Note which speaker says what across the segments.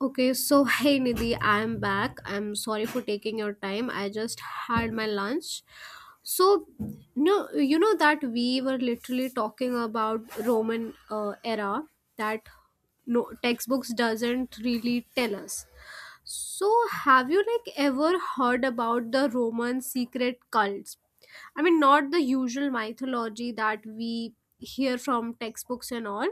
Speaker 1: Okay, so hey Nidhi, I'm back. I'm sorry for taking your time. I just had my lunch. So, no, you know that we were literally talking about Roman era that no textbooks doesn't really tell us. So, have you like ever heard about the Roman secret cults? I mean, not the usual mythology that we hear from textbooks and all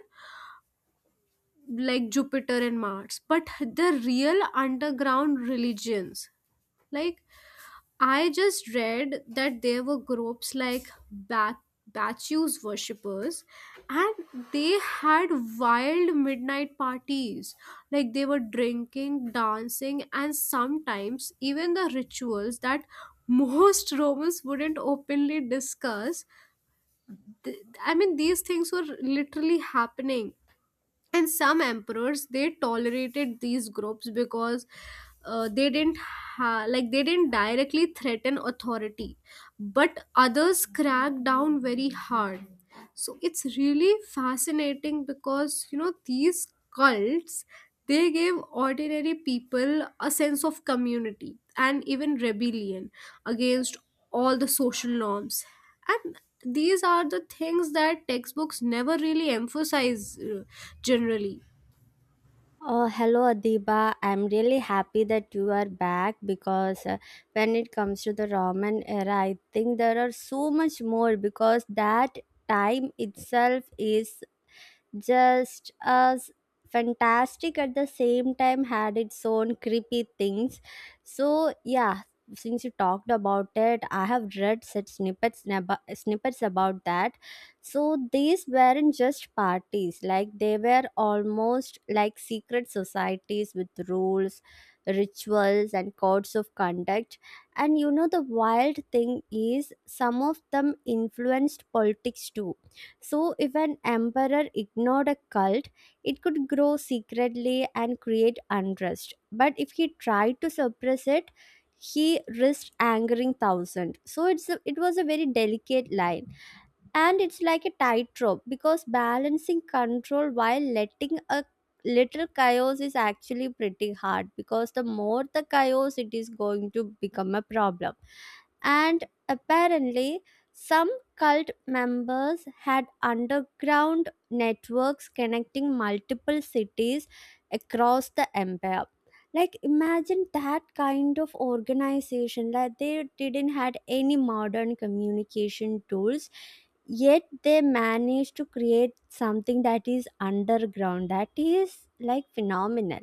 Speaker 1: like Jupiter and Mars, but the real underground religions. Like I just read that there were groups like Bat Bacchus worshippers and they had wild midnight parties. Like they were drinking, dancing, and sometimes even the rituals that most Romans wouldn't openly discuss. Th- I mean, these things were literally happening and some emperors they tolerated these groups because they didn't ha- like they didn't directly threaten authority, but others cracked down very hard. So it's really fascinating because, you know, these cults, they gave ordinary people a sense of community and even rebellion against all the social norms, and these are the things that textbooks never really emphasize, generally.
Speaker 2: Oh, hello Adiba. I'm really happy that you are back because when it comes to the Roman era, I think there are so much more because that time itself is just as fantastic at the same time had its own creepy things so yeah, since you talked about it I have read such snippets about that. So these weren't just parties, like they were almost like secret societies with rules, rituals and codes of conduct. And you know the wild thing is some of them influenced politics too. So, if an emperor ignored a cult, it could grow secretly and create unrest. But if he tried to suppress it, he risked angering thousands. So it was a very delicate line, and it's like a tightrope because balancing control while letting a little chaos is actually pretty hard because the more the chaos, it is going to become a problem. And apparently some cult members had underground networks connecting multiple cities across the empire. Like imagine that kind of organization, like they didn't had any modern communication tools, yet they managed to create something that is underground, that is like phenomenal.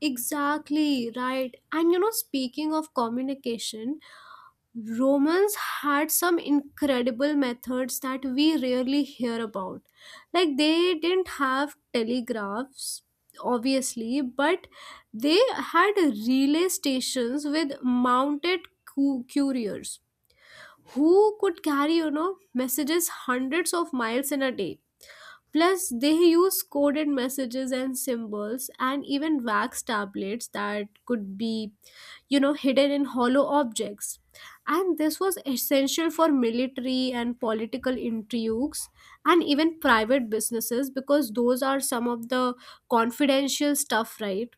Speaker 1: Exactly, right. And you know, speaking of communication, Romans had some incredible methods that we rarely hear about. Like they didn't have telegraphs, obviously, but they had relay stations with mounted couriers who could carry, you know, messages hundreds of miles in a day. Plus, they use coded messages and symbols and even wax tablets that could be, you know, hidden in hollow objects. And this was essential for military and political intrigues and even private businesses because those are some of the confidential stuff, right?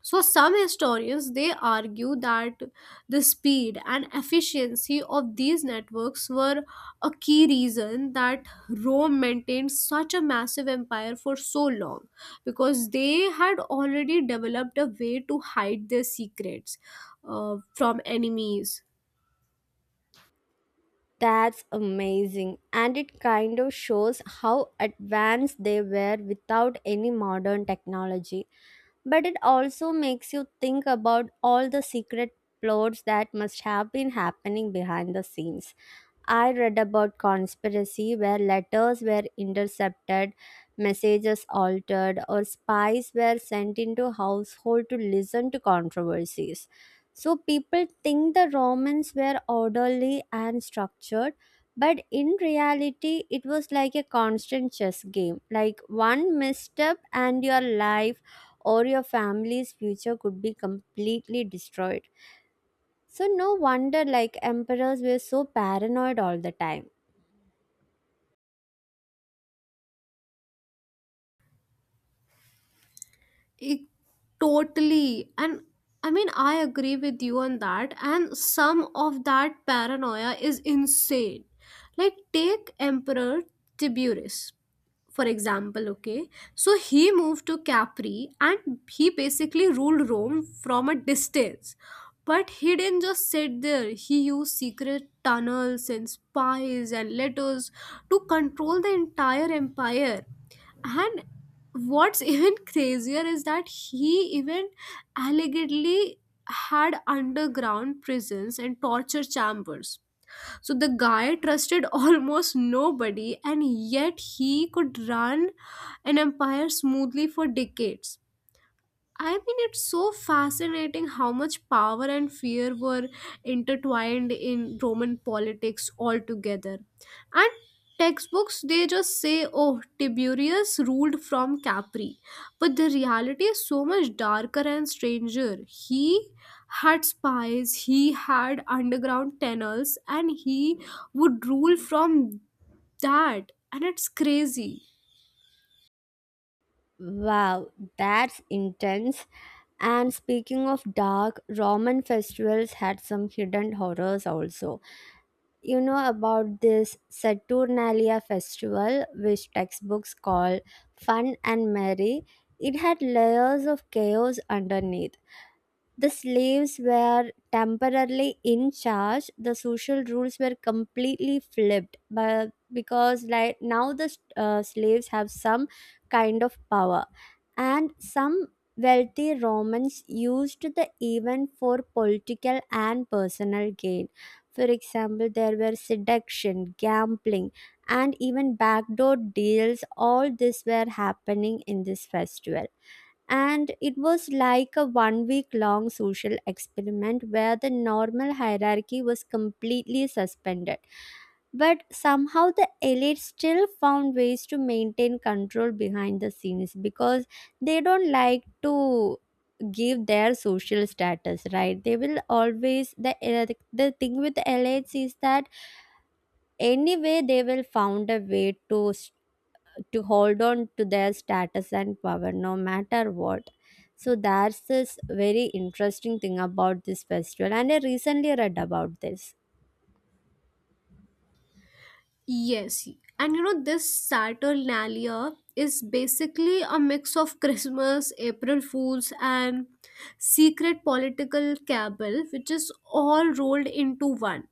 Speaker 1: So some historians they argue that the speed and efficiency of these networks were a key reason that Rome maintained such a massive empire for so long because they had already developed a way to hide their secrets from enemies.
Speaker 2: That's amazing. And it kind of shows how advanced they were without any modern technology. But it also makes you think about all the secret plots that must have been happening behind the scenes. I read about conspiracy where letters were intercepted, messages altered, or spies were sent into household to listen to controversies. So people think the Romans were orderly and structured, but in reality, it was like a constant chess game. Like one misstep, and your life or your family's future could be completely destroyed. So no wonder like emperors were so paranoid all the time.
Speaker 1: It, totally. And I mean, I agree with you on that. And some of that paranoia is insane. Like, take Emperor Tiberius, for example, okay? So he moved to Capri and he basically ruled Rome from a distance. But he didn't just sit there, he used secret tunnels and spies and letters to control the entire empire. And what's even crazier is that he even allegedly had underground prisons and torture chambers. So the guy trusted almost nobody, and yet he could run an empire smoothly for decades. I mean, it's so fascinating how much power and fear were intertwined in Roman politics altogether. And textbooks, they just say, oh, Tiberius ruled from Capri. But the reality is so much darker and stranger. He had spies, he had underground tunnels, and he would rule from that. And it's crazy.
Speaker 2: Wow, that's intense. And speaking of dark, Roman festivals had some hidden horrors also. You know about this Saturnalia festival, which textbooks call fun and merry. It had layers of chaos underneath. The slaves were temporarily in charge. The social rules were completely flipped, but because like now the slaves have some kind of power, and some wealthy Romans used the event for political and personal gain. For example, there were seduction, gambling, and even backdoor deals. All this were happening in this festival and it was like a 1 week long social experiment where the normal hierarchy was completely suspended. But somehow the elite still found ways to maintain control behind the scenes because they don't like to give their social status, right? They will always the thing with the elites is that anyway they will found a way to hold on to their status and power no matter what. So that's this very interesting thing about this festival, and I recently read about this.
Speaker 1: Yes, and you know this Saturnalia is basically a mix of Christmas, April Fools, and secret political cabal, which is all rolled into one.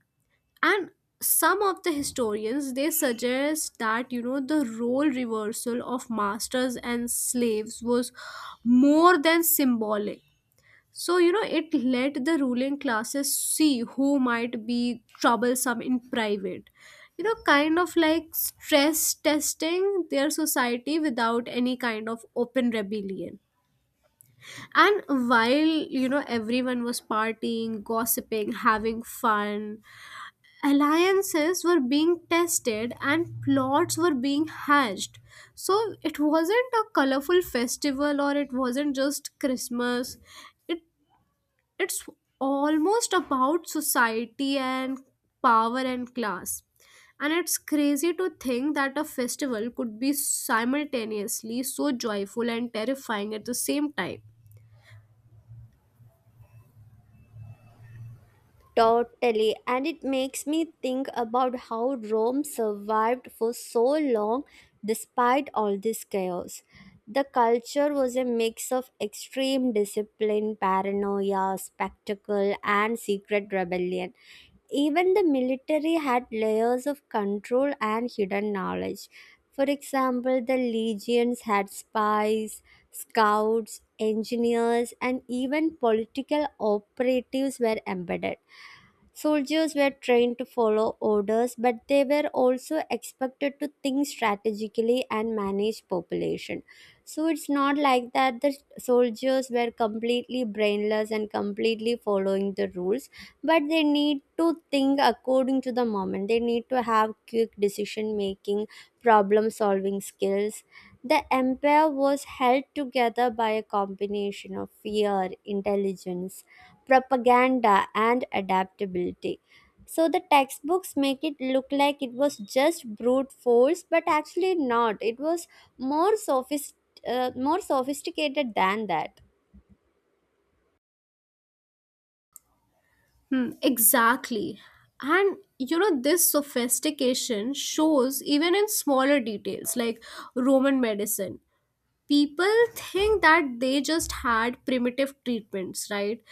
Speaker 1: And some of the historians they suggest that, you know, the role reversal of masters and slaves was more than symbolic. So, you know, it let the ruling classes see who might be troublesome in private. You know, kind of like stress testing their society without any kind of open rebellion. And while, you know, everyone was partying, gossiping, having fun, alliances were being tested and plots were being hatched. So it wasn't a colorful festival, or it wasn't just Christmas, it it's almost about society and power and class, and it's crazy to think that a festival could be simultaneously so joyful and terrifying at the same time.
Speaker 2: Totally, and it makes me think about how Rome survived for so long despite all this chaos. The culture was a mix of extreme discipline, paranoia, spectacle, and secret rebellion. Even the military had layers of control and hidden knowledge. For example, the legions had spies, scouts, engineers, and even political operatives were embedded. Soldiers were trained to follow orders, but they were also expected to think strategically and manage population. So it's not like that the soldiers were completely brainless and completely following the rules, but they need to think according to the moment. They need to have quick decision making, problem solving skills. The empire was held together by a combination of fear, intelligence, propaganda, and adaptability. So the textbooks make it look like it was just brute force, but actually not. It was more sophisticated than that.
Speaker 1: Hmm, exactly. And you know, this sophistication shows even in smaller details like Roman medicine. People think that they just had primitive treatments, right?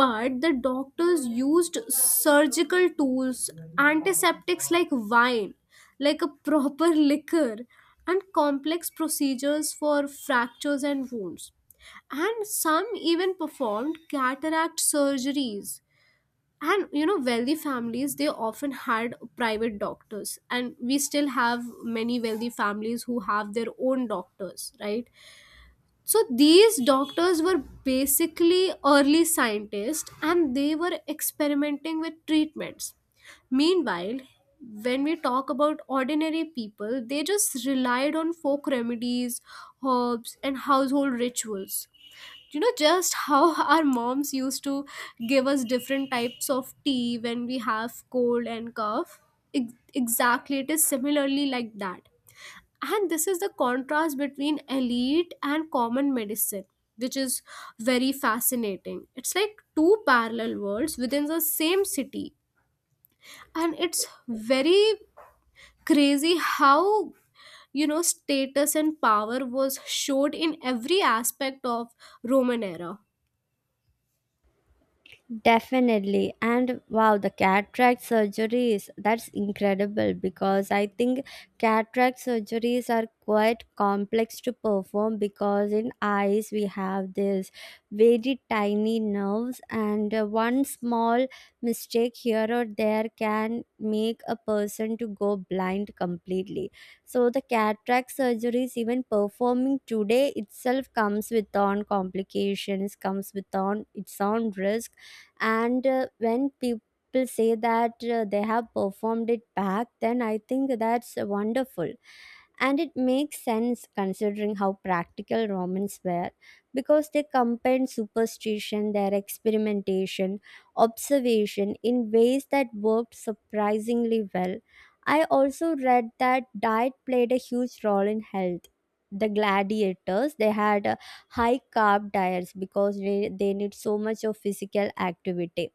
Speaker 1: But the doctors used surgical tools, antiseptics like wine, like a proper liquor, and complex procedures for fractures and wounds. And some even performed cataract surgeries. And you know, wealthy families, they often had private doctors, and we still have many wealthy families who have their own doctors, right? So these doctors were basically early scientists and they were experimenting with treatments. Meanwhile, when we talk about ordinary people, they just relied on folk remedies, herbs, and household rituals. You know, just how our moms used to give us different types of tea when we have cold and cough. Exactly, it is similarly like that. And this is the contrast between elite and common medicine, which is very fascinating. It's like two parallel worlds within the same city. And it's very crazy how, you know, status and power was showed in every aspect of Roman era.
Speaker 2: Definitely. And wow, the cataract surgeries, that's incredible because I think cataract surgeries are quite complex to perform because in eyes we have this very tiny nerves and one small mistake here or there can make a person to go blind completely. So the cataract surgeries even performing today itself comes with on complications, comes with on its own risk and when people say that they have performed it back then I think that's wonderful and it makes sense considering how practical Romans were because they combined superstition, their experimentation, observation in ways that worked surprisingly well. I also read that diet played a huge role in health. The gladiators they had high carb diets because they need so much of physical activity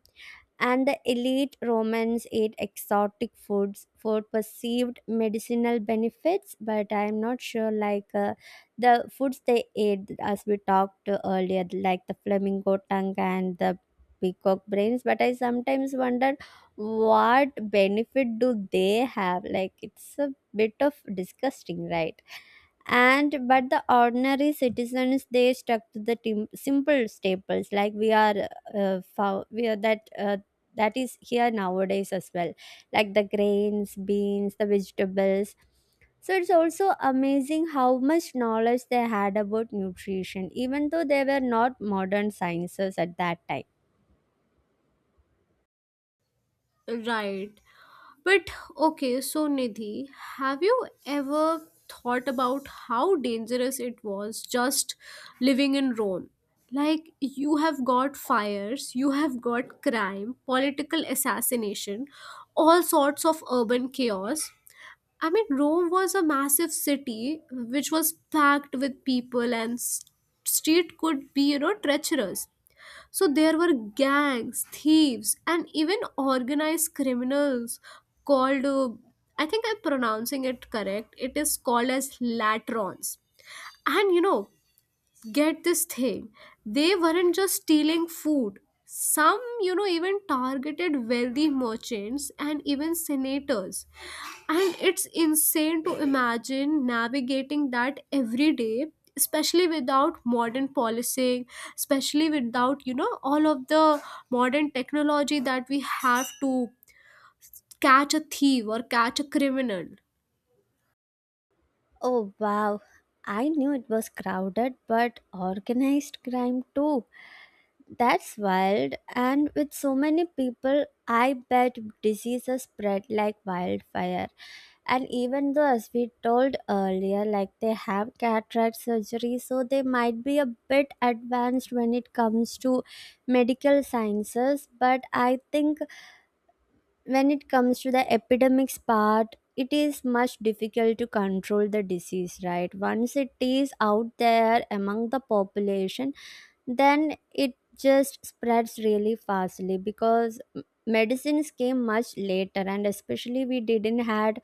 Speaker 2: and the elite Romans ate exotic foods for perceived medicinal benefits. But I'm not sure, like the foods they ate, as we talked earlier, like the flamingo tongue and the peacock brains. But I sometimes wonder what benefit do they have? Like it's a bit of disgusting, right? And but the ordinary citizens they stuck to the simple staples like we are that that is here nowadays as well, like the grains, beans, the vegetables. So it's also amazing how much knowledge they had about nutrition even though they were not modern sciences at that time.
Speaker 1: Right. But okay, so Nidhi, have you ever thought about how dangerous it was just living in Rome? Like, you have got fires, you have got crime, political assassination, all sorts of urban chaos. I mean, Rome was a massive city which was packed with people, and street could be, you know, treacherous. So there were gangs, thieves, and even organized criminals called, I think I'm pronouncing it correct, it is called as latrons. And you know, get this thing, they weren't just stealing food. Some, you know, even targeted wealthy merchants and even senators. And it's insane to imagine navigating that every day, especially without modern policing, especially without, you know, all of the modern technology that we have to catch a thief or catch a criminal.
Speaker 2: Oh wow, I knew it was crowded but organized crime too. That's wild, and with so many people, I bet diseases spread like wildfire. And even though, as we told earlier, like they have cataract surgery, so they might be a bit advanced when it comes to medical sciences, but I think when it comes to the epidemics part it is much difficult to control the disease, right? Once it is out there among the population, then it just spreads really fastly because medicines came much later and especially we didn't had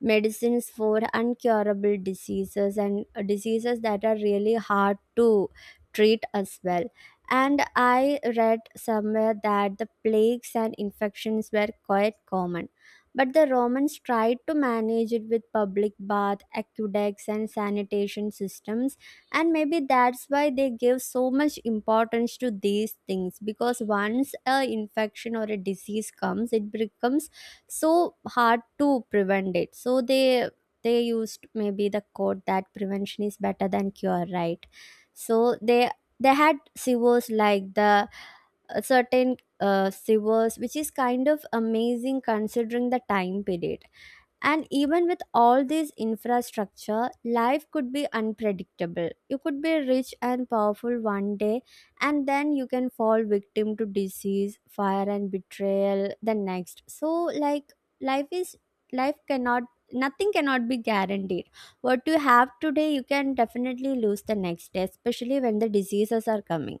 Speaker 2: medicines for uncurable diseases and diseases that are really hard to treat as well. And I read somewhere that the plagues and infections were quite common. But the Romans tried to manage it with public bath, aqueducts, and sanitation systems. And maybe that's why they gave so much importance to these things because once a infection or a disease comes, it becomes so hard to prevent it, so they used maybe the quote that prevention is better than cure, right? So they had sewers like the certain sewers which is kind of amazing considering the time period. And even with all this infrastructure, life could be unpredictable. You could be rich and powerful one day, and then you can fall victim to disease, fire, and betrayal the next. So, like, life is life cannot nothing cannot be guaranteed. What you have today you can definitely lose the next day, especially when the diseases are coming.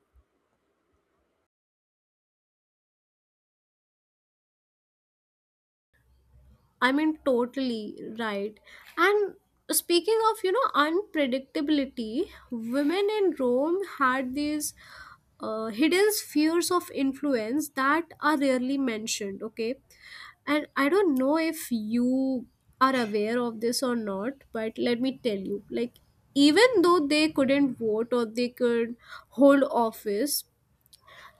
Speaker 1: I mean, totally right. And speaking of, you know, unpredictability, women in Rome had these hidden spheres of influence that are rarely mentioned, okay? And I don't know if you are aware of this or not, but let me tell you like, even though they couldn't vote or they could hold office,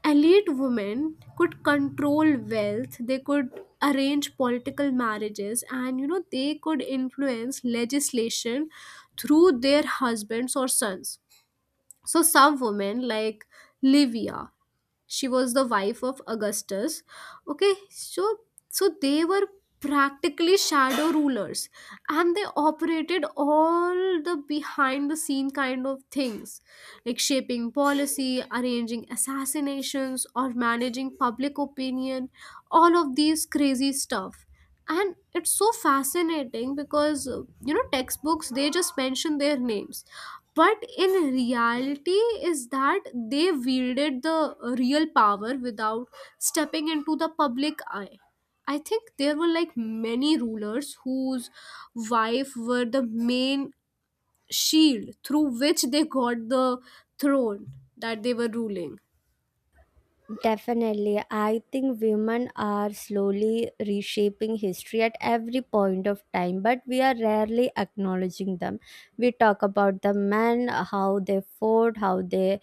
Speaker 1: elite women could control wealth, they could arrange political marriages, and you know they could influence legislation through their husbands or sons. So some women like Livia, she was the wife of Augustus. Okay, so so they were practically shadow rulers, and they operated all the behind the scene kind of things, like shaping policy, arranging assassinations, or managing public opinion, all of these crazy stuff. And it's so fascinating because, you know, textbooks, they just mention their names, but in reality is that they wielded the real power without stepping into the public eye. I think there were like many rulers whose wife were the main shield through which they got the throne that they were ruling.
Speaker 2: Definitely. I think women are slowly reshaping history at every point of time, but we are rarely acknowledging them. We talk about the men, how they fought, how they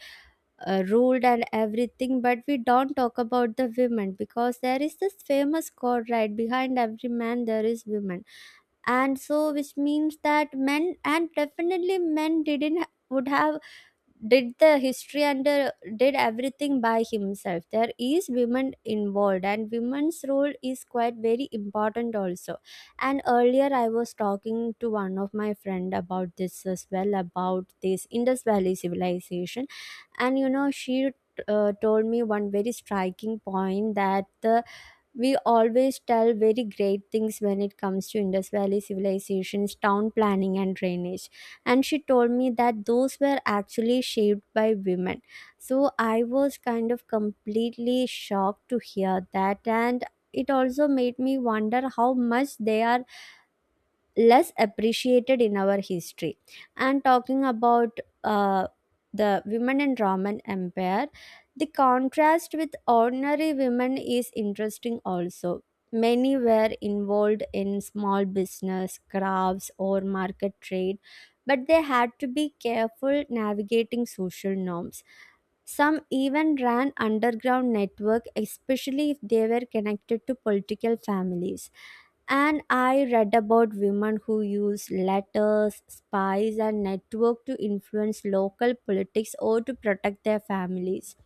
Speaker 2: ruled, and everything, but we don't talk about the women because there is this famous quote, right? Behind every man, there is women. And so, which means that men, and definitely men, didn't would have did the history and did everything by himself, there is women involved and women's role is quite very important also. And earlier I was talking to one of my friend about this as well, about this Indus Valley civilization. And you know she told me one very striking point that the we always tell very great things when it comes to Indus Valley civilization's town planning and drainage. And she told me that those were actually shaped by women. So I was kind of completely shocked to hear that. And it also made me wonder how much they are less appreciated in our history. And talking about the women in Roman Empire, the contrast with ordinary women is interesting also. Many were involved in small business, crafts, or market trade, but they had to be careful navigating social norms. Some even ran underground network, especially if they were connected to political families. And I read about women who use letters, spies, and network to influence local politics or to protect their families.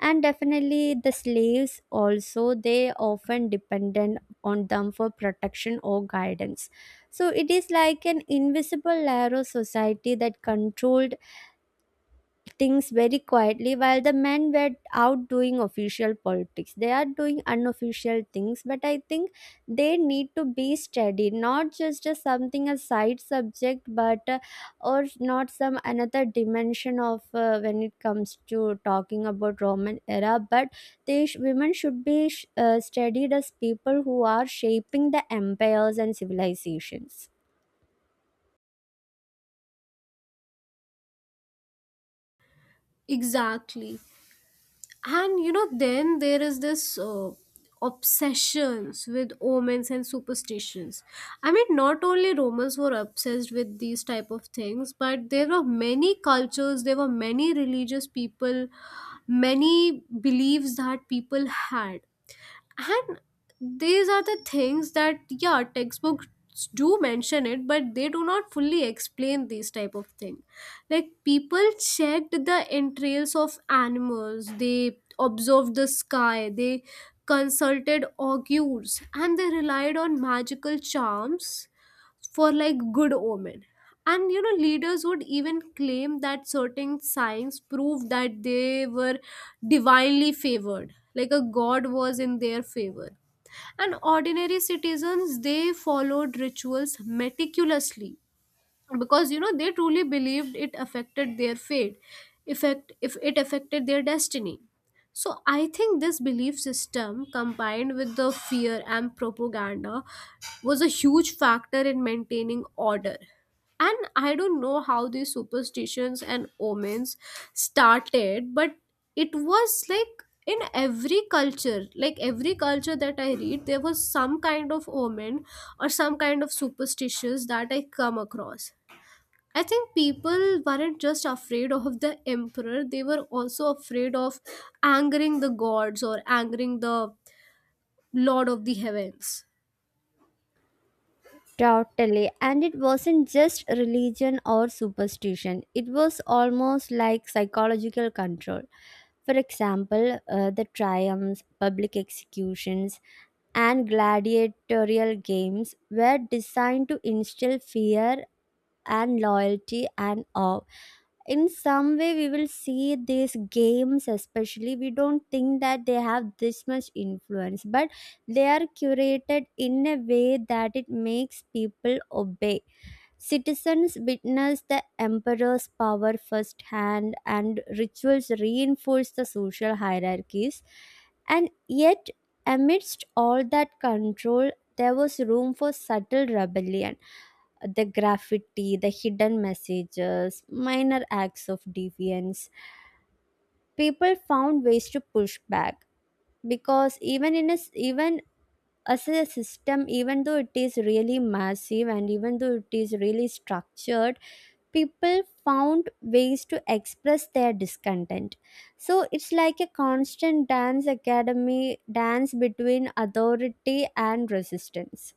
Speaker 2: And definitely, the slaves also they often dependent on them for protection or guidance. So it is like an invisible layer of society that controlled things very quietly while the men were out doing official politics, they are doing unofficial things. But I think they need to be studied not just as something a side subject, but or not some another dimension of when it comes to talking about Roman era, but women should be studied as people who are shaping the empires and civilizations.
Speaker 1: Exactly. And you know, then there is this obsessions with omens and superstitions. I mean, not only Romans were obsessed with these type of things, but there were many cultures, there were many religious people, many beliefs that people had. And these are the things that, yeah, textbooks do mention it, but they do not fully explain these type of thing. Like people checked the entrails of animals, they observed the sky, they consulted augurs, and they relied on magical charms for like good omen. And you know, leaders would even claim that certain signs prove that they were divinely favored, like a god was in their favor. And ordinary citizens, they followed rituals meticulously because, you know, they truly believed it affected their fate, effect if it affected their destiny. So I think this belief system combined with the fear and propaganda was a huge factor in maintaining order. And I don't know how these superstitions and omens started, but it was like in every culture, like every culture that I read, there was some kind of omen or some kind of superstitions that I come across. I think people weren't just afraid of the emperor, they were also afraid of angering the gods or angering the lord of the heavens.
Speaker 2: Totally. And it wasn't just religion or superstition, it was almost like psychological control. For example, the triumphs, public executions, and gladiatorial games were designed to instill fear and loyalty and awe. In some way we will see these games, especially. We don't think that they have this much influence, but they are curated in a way that it makes people obey. Citizens witness the emperor's power firsthand, and rituals reinforce the social hierarchies. And yet, amidst all that control, there was room for subtle rebellion: the graffiti, the hidden messages, minor acts of defiance. People found ways to push back because even as a system, even though it is really massive and even though it is really structured, people found ways to express their discontent. So it's like a constant dance academy dance between authority and resistance.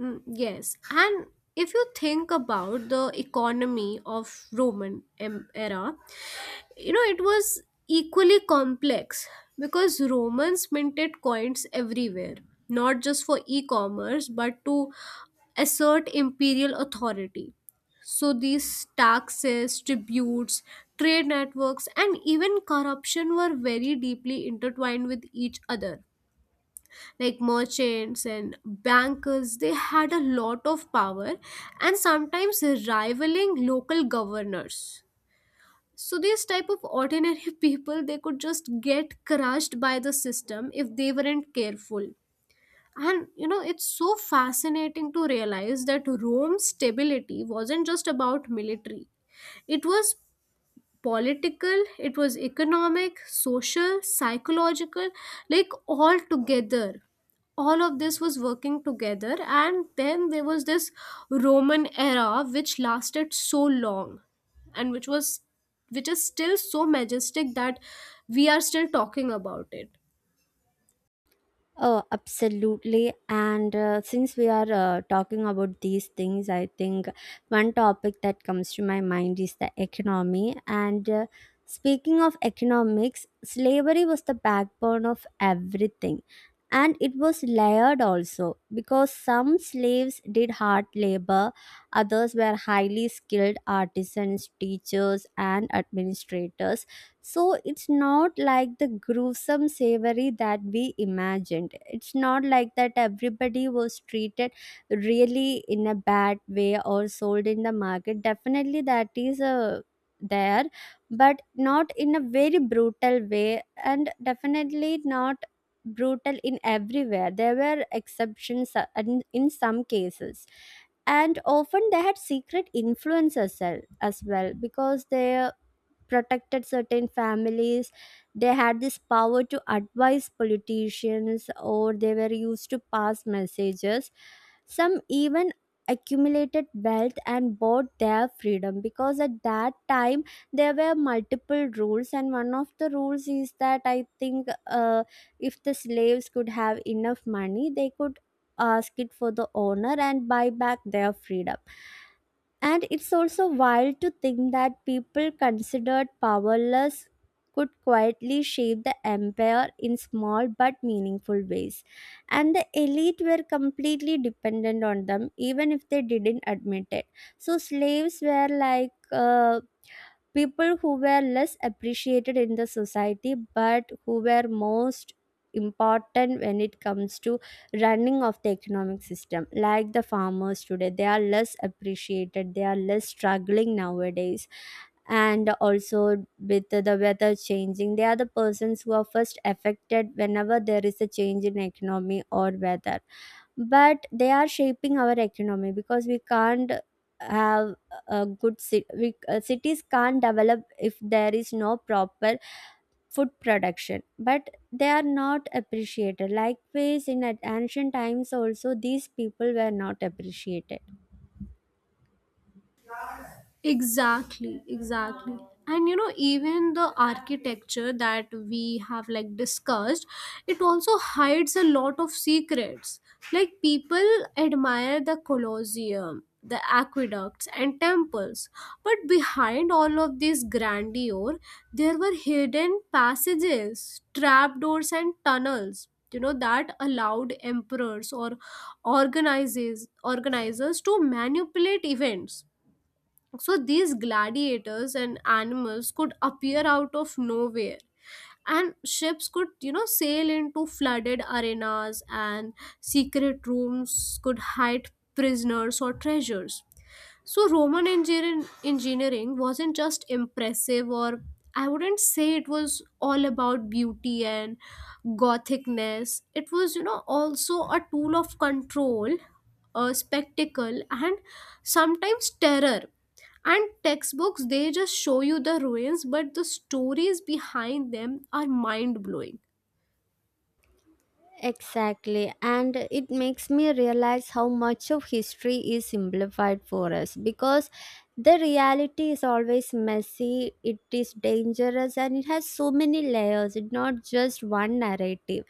Speaker 1: Mm, yes, and if you think about the economy of Roman era, you know it was equally complex because Romans minted coins everywhere, not just for e-commerce but to assert imperial authority. So these taxes, tributes, trade networks, and even corruption were very deeply intertwined with each other. Like merchants and bankers, they had a lot of power, and sometimes rivaling local governors. So these type of ordinary people, they could just get crushed by the system if they weren't careful. And you know, it's so fascinating to realize that Rome's stability wasn't just about military. It was political, it was economic, social, psychological, like all together, all of this was working together. And then there was this Roman era which lasted so long, and which was, which is still so majestic that we are still talking about it.
Speaker 2: Oh, absolutely. And since we are talking about these things, I think one topic that comes to my mind is the economy. And speaking of economics, slavery was the backbone of everything. And it was layered also, because some slaves did hard labor, others were highly skilled artisans, teachers, and administrators. So it's not like the gruesome savory that we imagined. It's not like that everybody was treated really in a bad way or sold in the market. Definitely that is a there, but not in a very brutal way, and definitely not brutal in everywhere. There were exceptions in, some cases. And often they had secret influences as well because they protected certain families. They had this power to advise politicians, or they were used to pass messages. Some even accumulated wealth and bought their freedom, because at that time there were multiple rules, and one of the rules is that I think, if the slaves could have enough money, they could ask it for the owner and buy back their freedom. And it's also wild to think that people considered powerless could quietly shape the empire in small but meaningful ways. And the elite were completely dependent on them, even if they didn't admit it. So slaves were like, people who were less appreciated in the society but who were most important when it comes to running of the economic system. Like the farmers today, they are less appreciated, they are less struggling nowadays. And also with the weather changing, they are the persons who are first affected whenever there is a change in economy or weather. But they are shaping our economy, because we can't have a good cities can't develop if there is no proper food production. But they are not appreciated. Likewise in ancient times also, these people were not appreciated.
Speaker 1: Exactly, exactly. And you know, even the architecture that we have like discussed, it also hides a lot of secrets. Like people admire the Colosseum, the aqueducts and temples, but behind all of this grandeur, there were hidden passages, trapdoors and tunnels. You know, that allowed emperors or organizes organizers to manipulate events. So these gladiators and animals could appear out of nowhere, and ships could, you know, sail into flooded arenas, and secret rooms could hide prisoners or treasures. So Roman engineering wasn't just impressive, or I wouldn't say it was all about beauty and gothicness. It was, you know, also a tool of control, a spectacle, and sometimes terror. And textbooks, they just show you the ruins, but the stories behind them are mind blowing.
Speaker 2: Exactly, and it makes me realize how much of history is simplified for us, because the reality is always messy, it is dangerous, and it has so many layers. It's not just one narrative.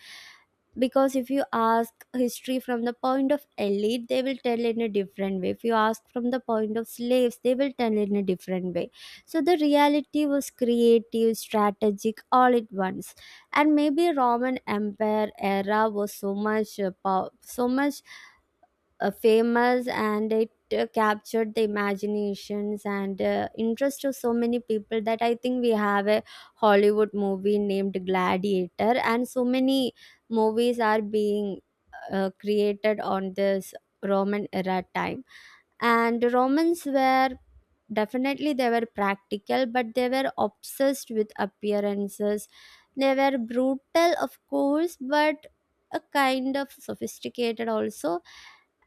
Speaker 2: Because if you ask history from the point of elite, they will tell in a different way. If you ask from the point of slaves, they will tell in a different way. So the reality was creative, strategic, all at once. And maybe Roman empire era was so much so much famous, and it captured the imaginations and interest of so many people, that I think we have a Hollywood movie named Gladiator, and so many movies are being created on this Roman era time. And Romans were, definitely they were practical, but they were obsessed with appearances. They were brutal of course, but a kind of sophisticated also.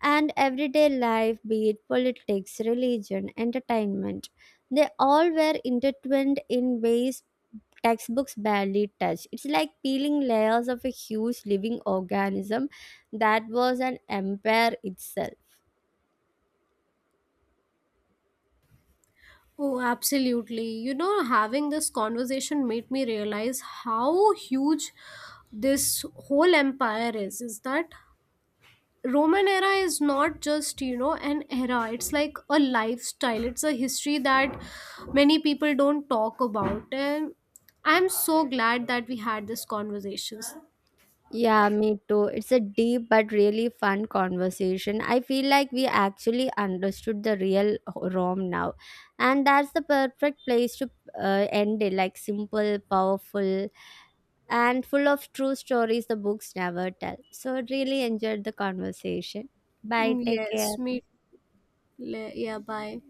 Speaker 2: And everyday life, be it politics, religion, entertainment, they all were intertwined in ways textbooks barely touch. It's like peeling layers of a huge living organism that was an empire itself.
Speaker 1: Oh, absolutely. You know, having this conversation made me realize how huge this whole empire is. Is that Roman era is not just, you know, an era, it's like a lifestyle, it's a history that many people don't talk about. And I'm so glad that we had this conversations.
Speaker 2: Yeah, me too. It's a deep but really fun conversation. I feel like we actually understood the real Rome now. And that's the perfect place to end it. Like simple, powerful, and full of true stories the books never tell. So, really enjoyed the conversation. Bye,
Speaker 1: Mm,
Speaker 2: take
Speaker 1: yes,
Speaker 2: care.
Speaker 1: me. Yeah, bye.